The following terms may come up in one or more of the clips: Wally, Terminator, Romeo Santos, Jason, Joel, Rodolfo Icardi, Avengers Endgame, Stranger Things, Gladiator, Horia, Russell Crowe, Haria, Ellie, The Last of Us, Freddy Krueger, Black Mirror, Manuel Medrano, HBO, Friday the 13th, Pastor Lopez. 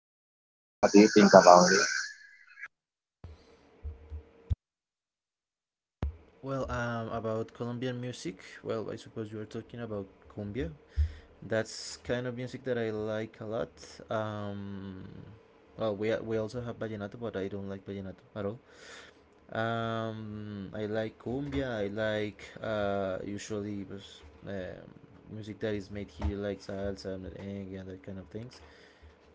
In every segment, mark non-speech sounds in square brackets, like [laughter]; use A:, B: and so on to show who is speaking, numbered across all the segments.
A: artist, or what do you think about it?
B: About Colombian music. Well, I suppose you are talking about cumbia, that's kind of music that I like a lot. Um, we also have vallenato, but I don't like vallenato at all. I like cumbia. I like usually pues, um, music that is made here, like salsa, merengue, and that kind of things.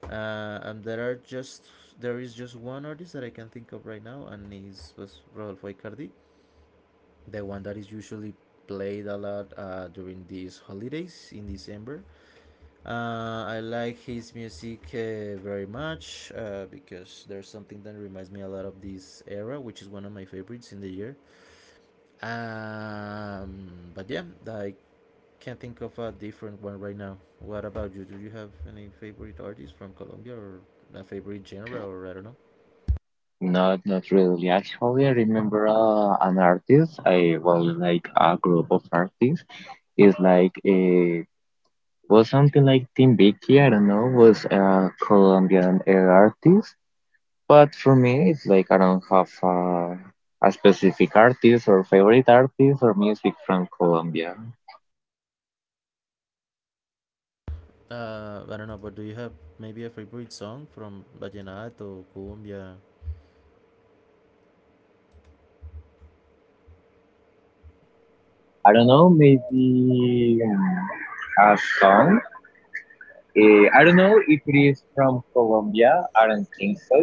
B: And there are just there is just one artist that I can think of right now, and is was Rodolfo Icardi, the one that is usually played a lot during these holidays in December. I like his music very much because there's something that reminds me a lot of this era, which is one of my favorites in the year. Um, but yeah, I can't think of a different one right now. What about you? Do you have any favorite artists from Colombia or a favorite genre or I don't know?
A: Not really. Actually, I remember an artist. Like a group of artists. Is like a. Was something like Tim. I don't know, was a Colombian air artist. But for me, it's like I don't have a specific artist or favorite artist or music from Colombia.
B: I don't know, but do you have maybe a favorite song from Vallenato, Colombia?
A: I don't know, maybe a song. I don't know if it is from Colombia. I don't think so.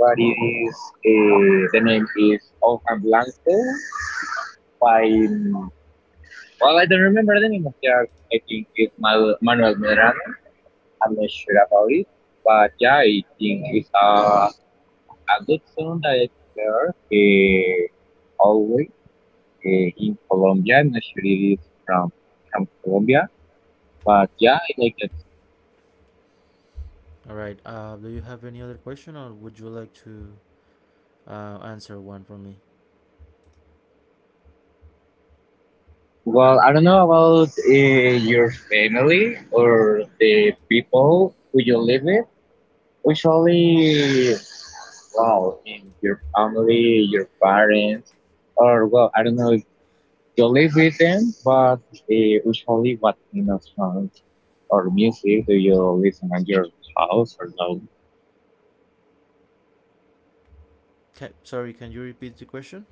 A: But it is, the name is Ojan Blanco by, well, I don't remember the name of the artist. I think it's Manuel Medrano. I'm not sure about it, but yeah, I think it's a good song that I heard always, in Colombia. I'm not sure it is from Colombia, but yeah, I like that song.
B: All right. Do you have any other question or would you like to answer one from me?
A: Well, I don't know about your family or the people who you live with. Usually, well, in your family, your parents, or well, I don't know you live with them, but usually what kind of songs or music do you listen at your house or no?
B: Okay, sorry, can you repeat the question?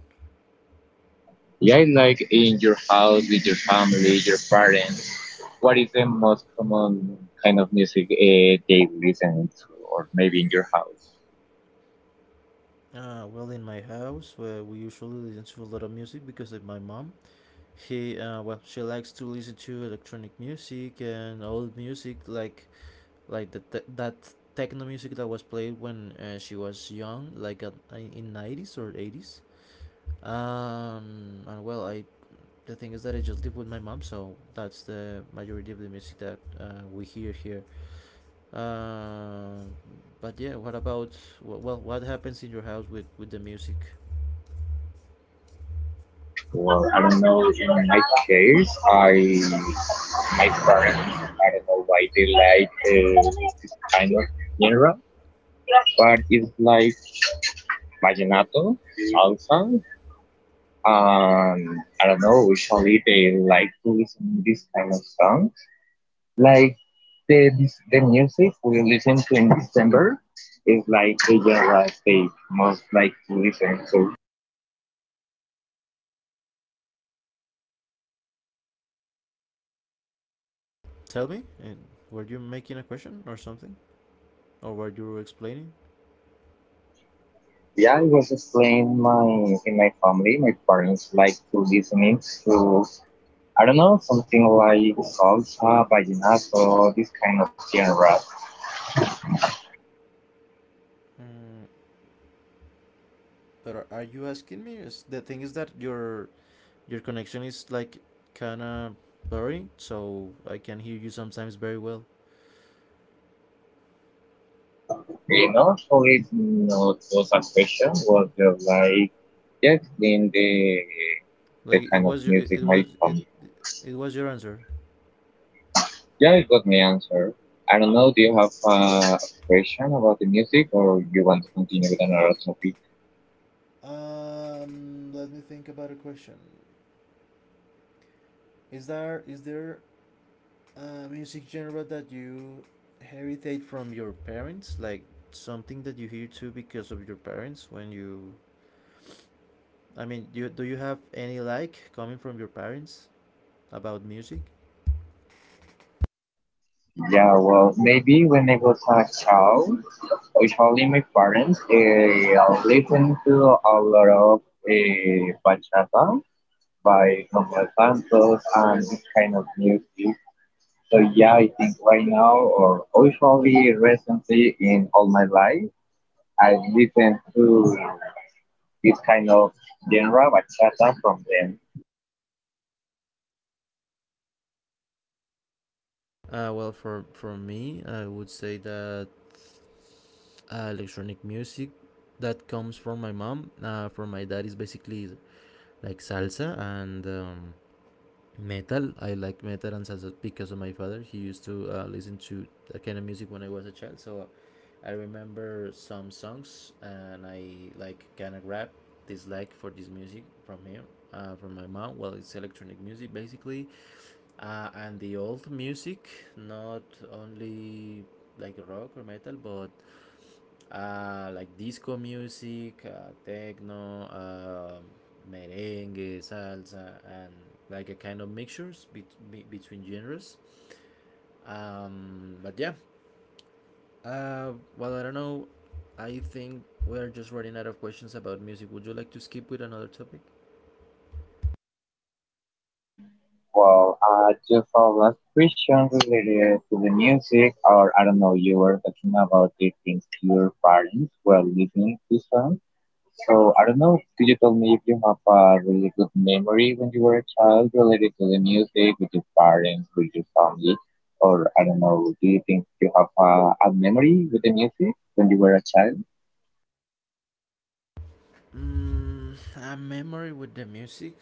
A: Yeah, like in your house with your family, your parents. What is the most common kind of music they listen to, or maybe in your house?
B: In my house, where we usually listen to a lot of music because of my mom. He, she likes to listen to electronic music and old music, like that techno music that was played when she was young, like at, in nineties or eighties. And well, I The thing is that I just live with my mom, so that's the majority of the music that we hear here. Uh, but yeah, what about Well, what happens in your house with the music?
A: Or I don't know. In my case, I my parents, I don't know why they like this kind of genre, but it's like vallenato, salsa. I don't know. Usually they like to listen this kind of songs. Like the music we listen to in December is like the genre they most like to listen to.
B: Tell me. And were you making a question or something, or were you explaining?
A: Yeah, I was explaining my in my family, my parents like to listening to, I don't know, something like salsa, vallenato, this kind of genre.
B: Mm, but are you asking me? Is the thing is that your connection is like kind of blurry, so I can hear you sometimes very well.
A: You know, so it no, it was a question was just like, Yes, in the
B: Like it
A: kind of
B: was your it,
A: music
B: it
A: my
B: was it
A: family.
B: It was your answer.
A: Yeah, you got my answer. I don't know. Do you have a question about the music, or you want to continue with another topic?
B: Let me think about a question. Is there music genre that you heritage from your parents, like something that you hear too because of your parents when you. I mean, do you have any like coming from your parents about music?
A: Yeah, well, maybe when I was a child, usually my parents listened to a lot of bachata by Romeo Santos and this kind of music. So yeah, I think right now or usually recently in all my life. I listen to this kind of genre bachata from them.
B: For me, I would say that electronic music that comes from my mom. From my dad is basically like salsa and metal. I like metal and salsa because of my father. He used to listen to that kind of music when I was a child. So I remember some songs and I like kind of rap dislike for this music from him, from my mom. Well, it's electronic music basically, and the old music, not only like rock or metal, but like disco music, techno, merengue, salsa, and like a kind of mixtures between genres. Um, but yeah, I don't know. I think we are just running out of questions about music. Would you like to skip with another topic?
A: Well, I just have last question related to the music, or I don't know, you were talking about the things your parents were listening to songs. So I don't know, could you tell me if you have a really good memory when you were a child related to the music with your parents, with your family, or I don't know, do you think you have a memory with the music when you were a child?
B: A memory with the music.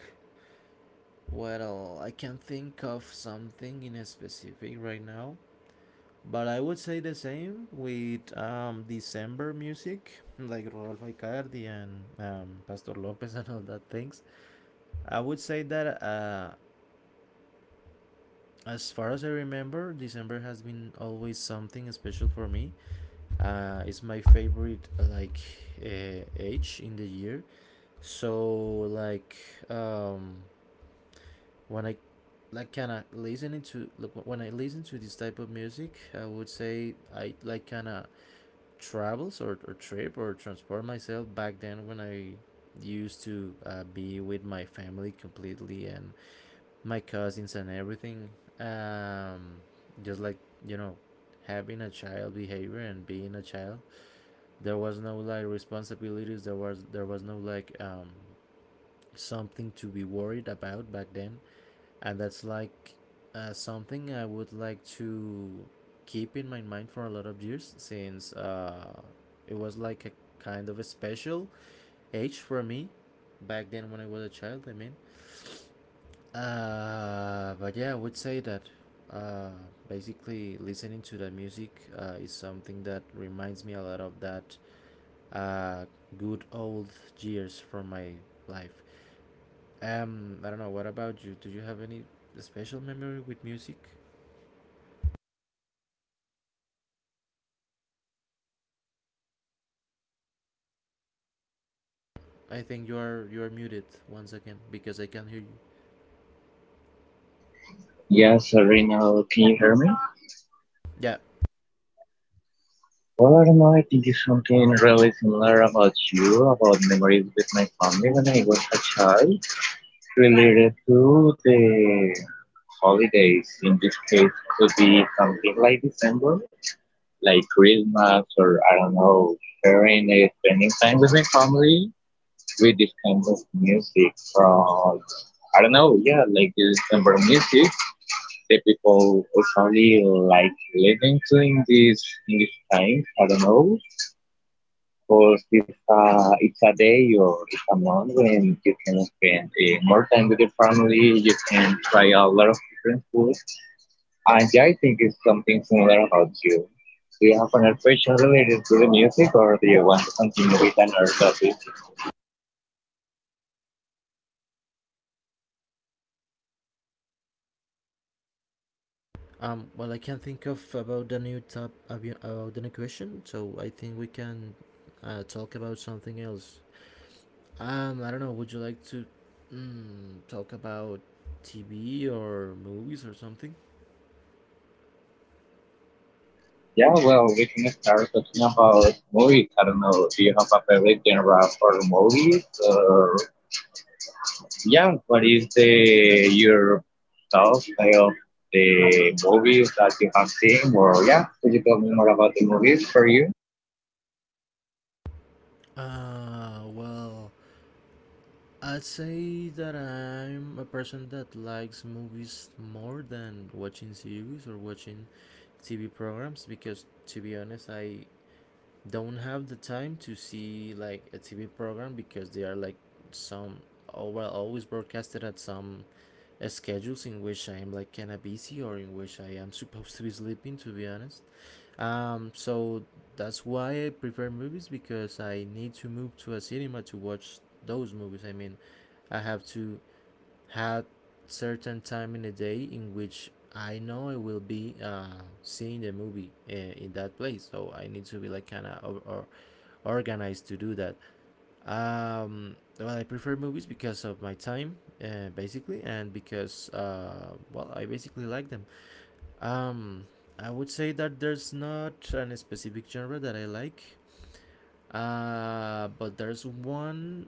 B: Well, I can not think of something in a specific right now. But I would say the same with December music, like Rodolfo Icardi and Pastor Lopez [laughs] and all that things. I would say that as far as I remember, December has been always something special for me. It's my favorite like age in the year. So like um, when I like kind of listening to like, When I listen to this type of music, I would say I like kind of travels or trip or transport myself back then when I used to be with my family completely and my cousins and everything. Um, just like you know, having a child behavior and being a child, there was no like responsibilities. There was no like something to be worried about back then, and that's like something I would like to keep in my mind for a lot of years since it was like a kind of a special age for me back then when I was a child. I mean, I would say that uh, basically listening to that music is something that reminds me a lot of that uh, good old years from my life. I don't know. What about you? Do you have any special memory with music? I think you are muted once again because I can't hear you.
A: Yes, Reno, can you hear me?
B: Yeah.
A: What am I think it's something really similar about you, about memories with my family when I was a child, related to the holidays. In this case, could be something like December, like Christmas, or I don't know, sharing, spending time with my family with this kind of music from, I don't know, yeah, like the December music that people usually like listening to in in this time. I don't know course, it's it's a day or it's a month when you can spend more time with your family. You can try a lot of different foods. And yeah, I think it's something similar about you. Do you have another question related to the music or do you want to continue with another topic?
B: Well, I can't think of about the new top about the new question, so I think we can talk about something else. I don't know. Would you like to talk about TV or movies or something?
A: Yeah, well, we can start talking about movies. I don't know. Do you have a favorite genre for movies, or yeah, what is the your top of the movies that you have seen? Or yeah, could you tell me more about the movies for you?
B: Well, I'd say that I'm a person that likes movies more than watching series or watching TV programs because, to be honest, I don't have the time to see like a TV program because they are like some oh well always broadcasted at some schedules in which I am like kinda busy or in which I am supposed to be sleeping to be honest. So that's why I prefer movies because I need to move to a cinema to watch those movies. I mean I have to have certain time in the day in which I know I will be seeing the movie in that place, so I need to be like kind of or organized to do that. I prefer movies because of my time, basically, and because I basically like them. Um, I would say that there's not an specific genre that I like, but there's one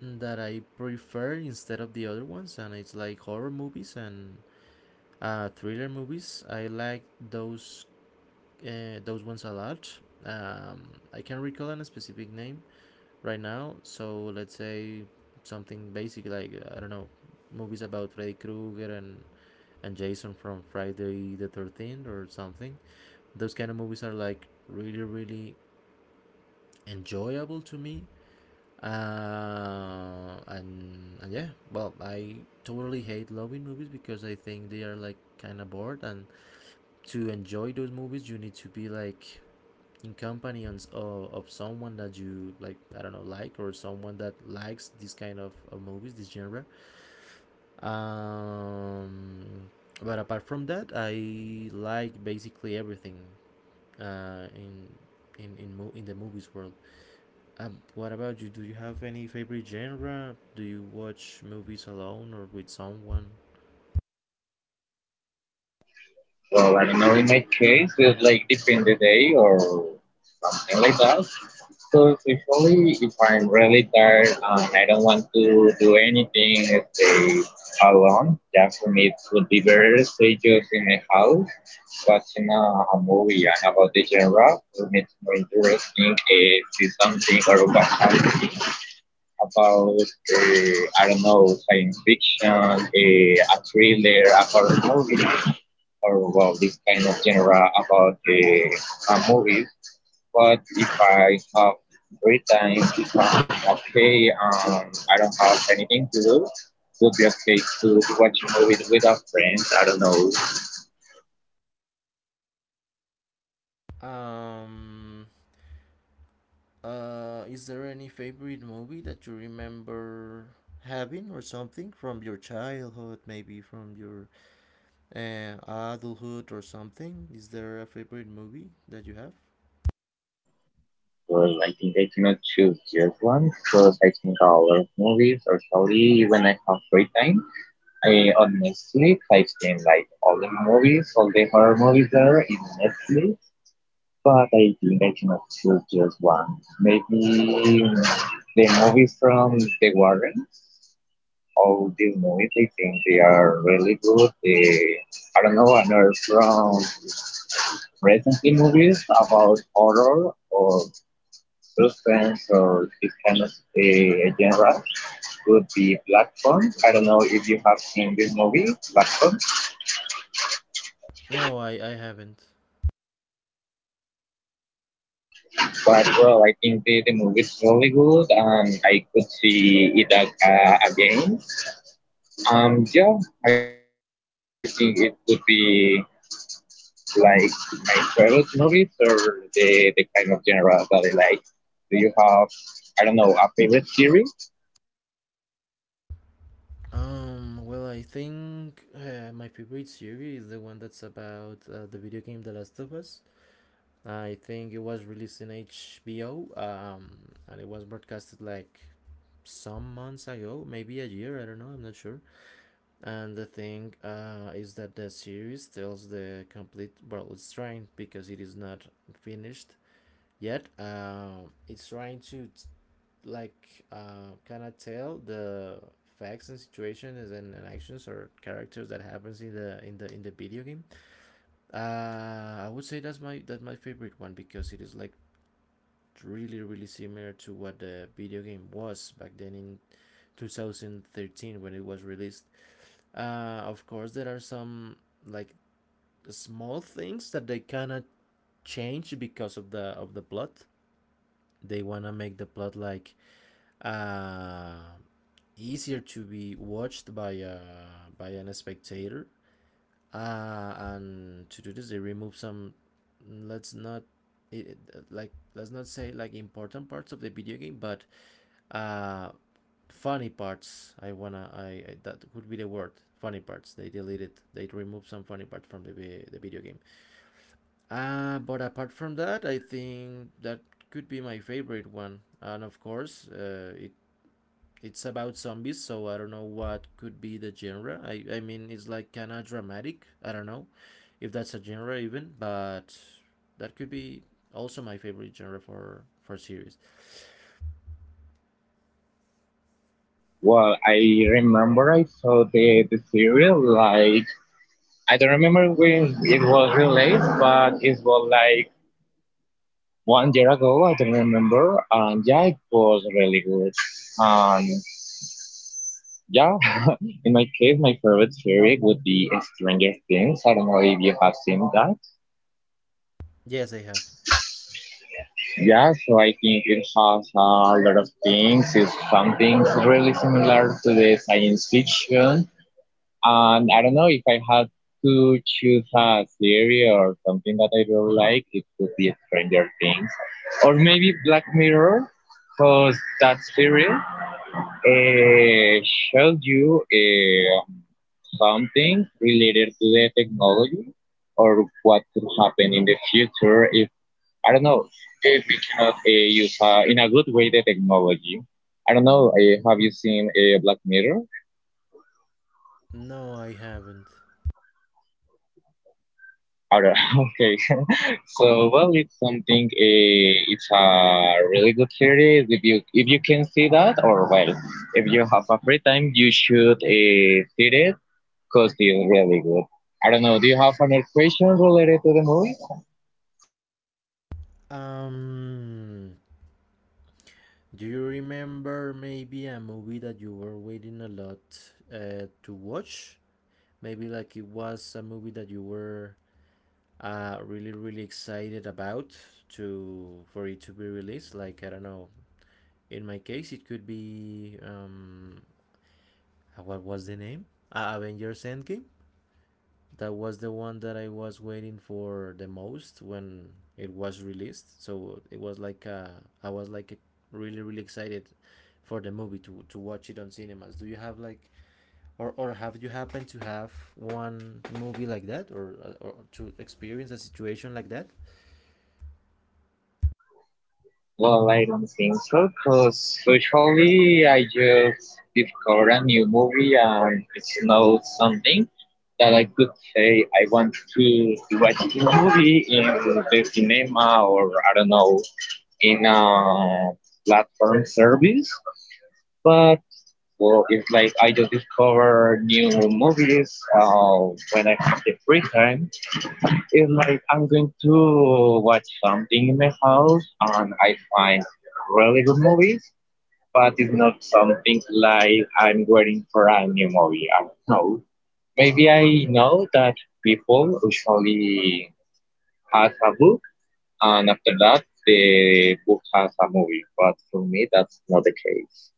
B: that I prefer instead of the other ones, and it's like horror movies and thriller movies. I like those those ones a lot. I can't recall a specific name, right now. So let's say something basic like I don't know, movies about Freddy Krueger and Jason from Friday the 13th or something. Those kind of movies are like really enjoyable to me. I totally hate loving movies because I think they are like kind of bored. And to enjoy those movies, you need to be like in company on, of someone that you like, I don't know, like or someone that likes this kind of movies, this genre. um but apart from that, I like basically everything uh in in the movies world. What about you? Do you have any favorite genre? Do you watch movies alone or with someone?
A: Well, I don't know. In my case, it's like depend the day or something like that. So usually, if I'm really tired and I don't want to do anything, stay alone. Yeah, for me, it would be better to stay just in my house watching a movie. And about the genre, for me it's more interesting see something or watch something about, I don't know, science fiction, a thriller, a horror movie, or well this kind of genre about movies. But if I have free time, if I'm okay, I don't have anything to do, it would be okay to watch a movie with a friend. I don't know.
B: um is there any favorite movie that you remember having or something from your childhood, maybe from your adulthood or something? Is there a favorite movie that you have?
A: Well, I think I cannot choose just one because I think a lot of movies or story when I have free time. I on Netflix I think like all the movies, all the horror movies there in Netflix. But I think I cannot choose just one. Maybe the movies from the Warrens. All these movies I think they are really good. They, I don't know, another from recently movies about horror or suspense, or this kind of a a genre would be Platform. I don't know if you have seen this movie, Platform.
B: No, I haven't.
A: But well, I think the movie is really good and I could see it again. Yeah, I think it would be like my favorite movies or the kind of genre that I like. Do you have, I don't know, a favorite series?
B: I think my favorite series is the one that's about the video game The Last of Us. I think it was released in HBO, and it was broadcasted like some months ago, maybe a year, I don't know, I'm not sure. And the thing is that the series tells the complete, well, it's trying because it is not finished yet. It's trying to kind of tell the facts and situations and actions or characters that happens in the in the video game. Uh, I would say that's my favorite one because it is like really similar to what the video game was back then in 2013 when it was released. Uh, of course, there are some like small things that they cannot change because of the plot. They wanna make the plot like uh, easier to be watched by an spectator. And to do this, they remove some. Let's not it, let's not say like important parts of the video game, but uh, funny parts. I wanna I That would be the word funny parts. They deleted. They removed some funny parts from the video game. But apart from that, I think that could be my favorite one. And of course, it it's about zombies, so I don't know what could be the genre. I mean, it's like kind of dramatic. I don't know if that's a genre even, but that could be also my favorite genre for series.
A: Well, I remember I saw the series like, I don't remember when it was released, but it was like 1 year ago. I don't remember, and yeah, it was really good. And yeah, [laughs] in my case, my favorite series would be Stranger Things. I don't know if you have seen that.
B: Yes, I have.
A: Yeah, so I think it has a lot of things. It's something really similar to the science fiction, and I don't know if I had to choose a series or something that I really like, it could be Stranger Things or maybe Black Mirror, because that series shows you something related to the technology or what could happen in the future if I don't know if we cannot use in a good way the technology. I don't know. Have you seen Black Mirror?
B: No, I haven't.
A: Out [laughs] okay. [laughs] So well, it's something. It's a really good series. If you can see that, or well, if you have a free time, you should see it because it's really good. I don't know. Do you have another question related to the movie?
B: Um, do you remember maybe a movie that you were waiting a lot to watch? Maybe like it was a movie that you were really excited about to for it to be released, like I don't know, in my case it could be what was the name? Avengers Endgame, that was the one that I was waiting for the most when it was released. So it was like I was like a really excited for the movie to watch it on cinemas. Do you have like, or have you happened to have one movie like that, or to experience a situation like that?
A: Well, I don't think so, because usually I just discover a new movie and it's not something that I could say I want to watch the movie in the cinema or I don't know, in a platform service. But well, it's like I just discover new movies when I have the free time. It's like I'm going to watch something in my house and I find really good movies, but it's not something like I'm waiting for a new movie. I don't know. Maybe I know that people usually has a book and after that the book has a movie, but for me that's not the case.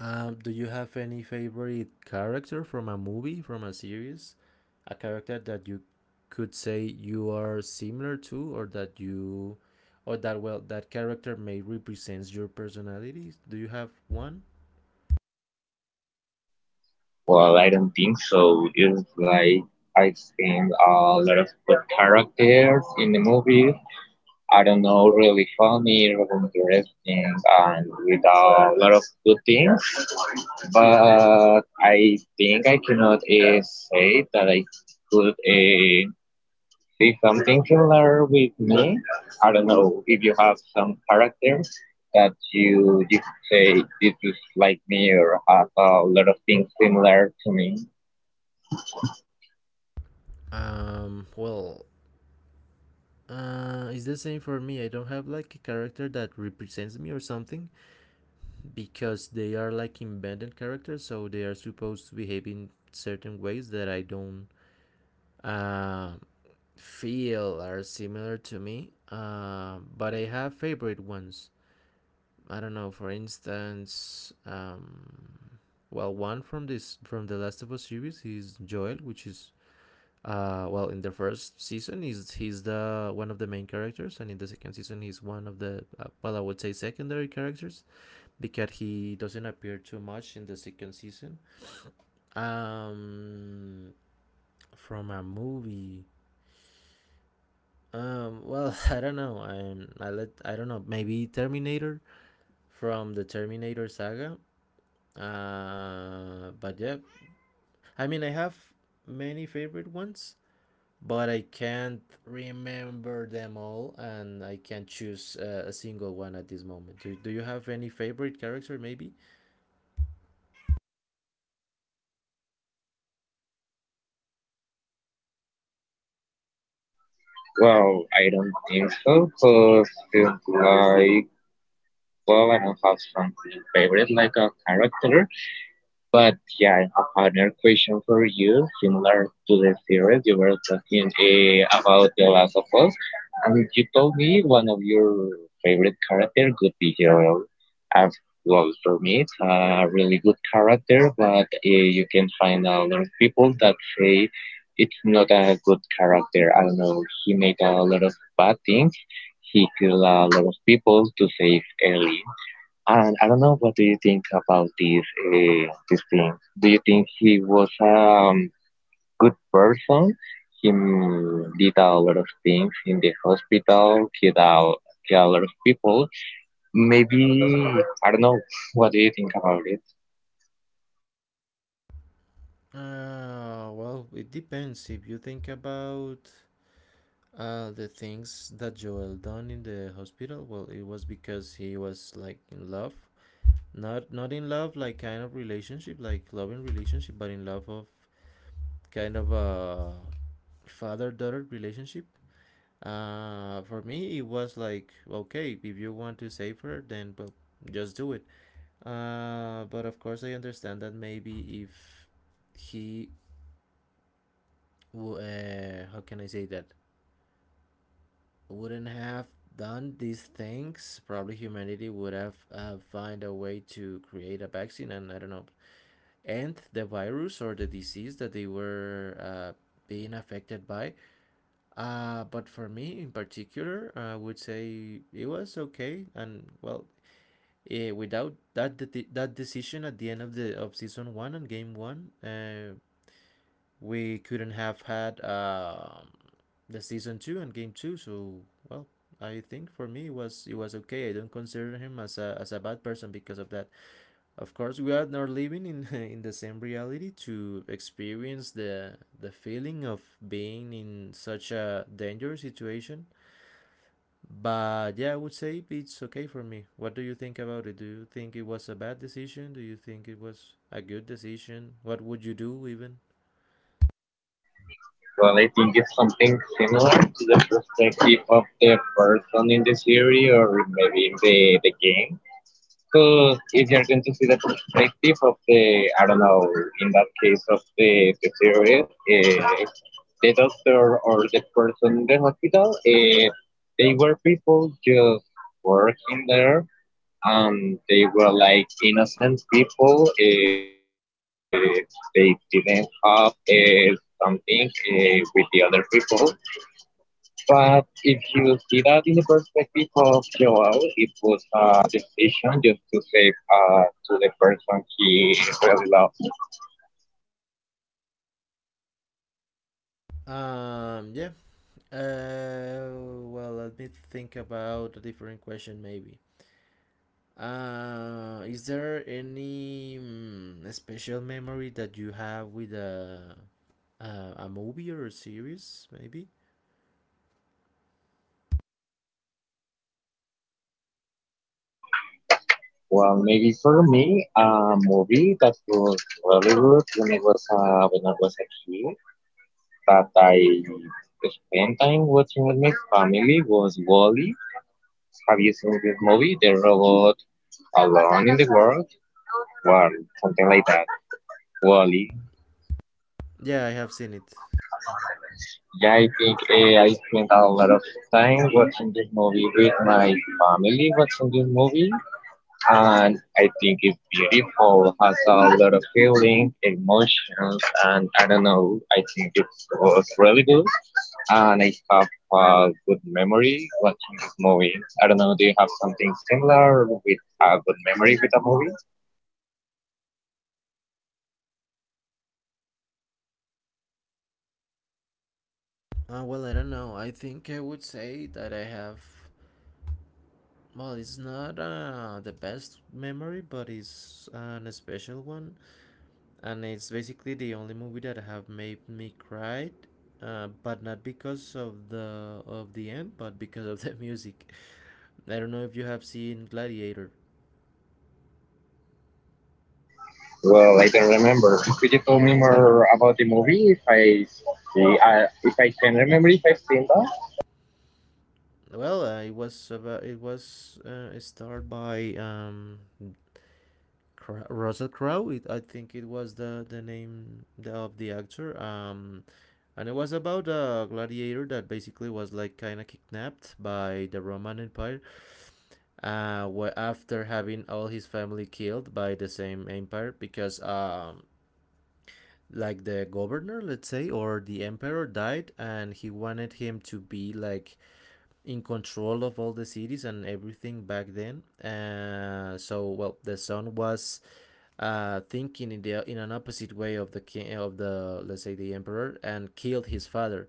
B: Do you have any favorite character from a movie, from a series, a character that you could say you are similar to, or that you or that, well, that character may represents your personality? Do you have one?
A: Well, I don't think so. It's like I've seen a lot of good characters in the movies. I don't know, really funny, really interesting, and with a lot of good things. But I think I cannot say that I could see something similar with me. I don't know if you have some character that you could say this is like me or has a lot of things similar to me.
B: Well, it's the same for me. I don't have like a character that represents me or something, because they are like embedded characters, so they are supposed to behave in certain ways that I don't uh, feel are similar to me. But I have favorite ones. I don't know. For instance, well, one from this from the Last of Us series is Joel, which is well, in the first season is he's the one of the main characters, and in the second season he's one of the well, I would say secondary characters because he doesn't appear too much in the second season. Um, from a movie, well, [laughs] I don't know. I let I don't know. Maybe Terminator from the Terminator saga. But yeah, I mean, I have many favorite ones, but I can't remember them all, and I can't choose a single one at this moment. Do you have any favorite character, maybe?
A: Well, I don't think so, because like, well, I don't have something favorite like a character. But yeah, I have another question for you, similar to the series you were talking about The Last of Us, and you told me one of your favorite character could be Joel. As well, for me, it's a really good character, but you can find a lot of people that say it's not a good character. I don't know, he made a lot of bad things. He killed a lot of people to save Ellie. And I don't know what do you think about this thing. Do you think he was a good person? He did a lot of things in the hospital, killed a lot of people. Maybe I don't know. [laughs] What do you think about it?
B: Well, it depends. If you think about the things that Joel done in the hospital, well, it was because he was like in love, not in love like kind of relationship, like loving relationship, but in love of kind of a father daughter relationship. For me, it was like okay, if you want to save her, then well, just do it. But of course, I understand that maybe if he, how can I say that? Wouldn't have done these things, probably humanity would have find a way to create a vaccine and I don't know, end the virus or the disease that they were being affected by. But for me in particular, I would say it was okay and well. Without that that decision at the end of the of season one and game one, we couldn't have had the season two and game two. So well, I think for me it was okay. I don't consider him as a bad person because of that. Of course, we are not living in [laughs] in the same reality to experience the feeling of being in such a dangerous situation. But yeah, I would say it's okay for me. What do you think about it? Do you think it was a bad decision? Do you think it was a good decision? What would you do even?
A: Well, I think it's something similar to the perspective of the person in the series, or maybe in the game. So if you're going to see the perspective of the, I don't know, in that case of the series, the doctor or the person in the hospital, they were people just working there and they were like innocent people. They didn't have something with the other people. But if you see that in the perspective of Joao, it was a decision just to save to the person he really loved.
B: Yeah. Uh, well, let me think about a different question, maybe. Is there any special memory that you have with a movie or a series, maybe?
A: Well, maybe for me, a movie that was really good when it was when I was a kid that I spent time watching with my family was Wally. Have you seen this movie, The Robot Alone in the World? Well, something like that. Wally.
B: Yeah, I have seen it.
A: Yeah, I think I spent a lot of time watching this movie with my family, watching this movie, and I think it's beautiful. Has a lot of feeling, emotions, and I don't know. I think it was really good, and I have a good memory watching this movie. I don't know. Do you have something similar with a good memory with a movie?
B: Well, I don't know. I think I would say that I have. Well, it's not the best memory, but it's an special one. And it's basically the only movie that have made me cry, but not because of the end, but because of [laughs] the music. I don't know if you have seen Gladiator.
A: Well, I don't remember. Could you tell me more about the movie if I see, if I can remember if I've seen that?
B: Well, it was about it was starred by Russell Crowe. It, I think it was the name the, of the actor. And it was about a gladiator that basically was like kind of kidnapped by the Roman Empire, after having all his family killed by the same empire, because like the governor, let's say, or the emperor died, and he wanted him to be like in control of all the cities and everything back then. Uh, so well, the son was thinking in the in an opposite way of the king of the, let's say, the emperor, and killed his father.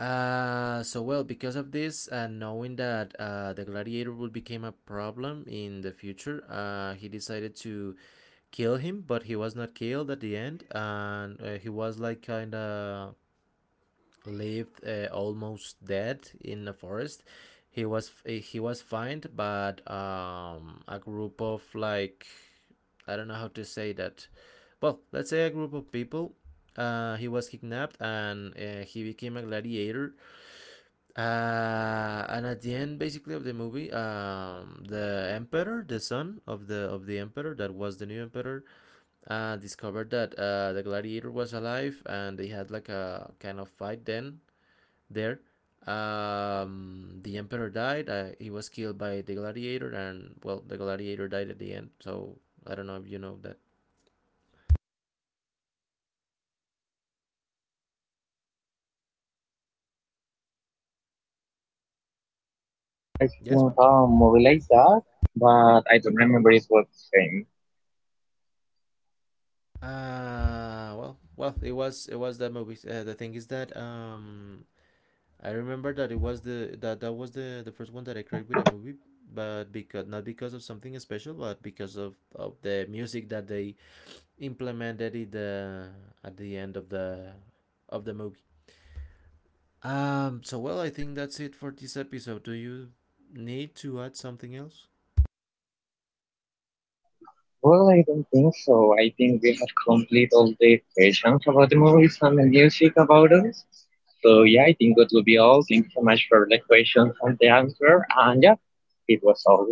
B: So well, because of this, knowing that the gladiator would become a problem in the future, he decided to kill him, but he was not killed at the end, and he was like kind of lived almost dead in the forest. He was fined, but a group of like, I don't know how to say that. Well, let's say a group of people, he was kidnapped and he became a gladiator. And at the end, basically of the movie, um, the emperor, the son of the emperor, that was the new emperor, discovered that the gladiator was alive, and they had like a kind of fight. Then there, um, the emperor died, he was killed by the gladiator, and well, the gladiator died at the end. So I don't know if you know that.
A: Yeah, I
B: Yes,
A: think movie like that, but I don't remember it was the same.
B: well, it was that movie. Uh, the thing is that um, I remember that it was the that was the first one that I cried with a movie, but because, not because of something special, but because of the music that they implemented it the at the end of the movie. So well, I think that's it for this episode. Do you need to add something else?
A: Well, I don't think so. I think we have complete all the questions about the movies and the music about us. So yeah, I think that will be all. Thank you so much for the questions and the answer. And yeah, it was all.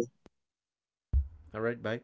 B: All right. Bye.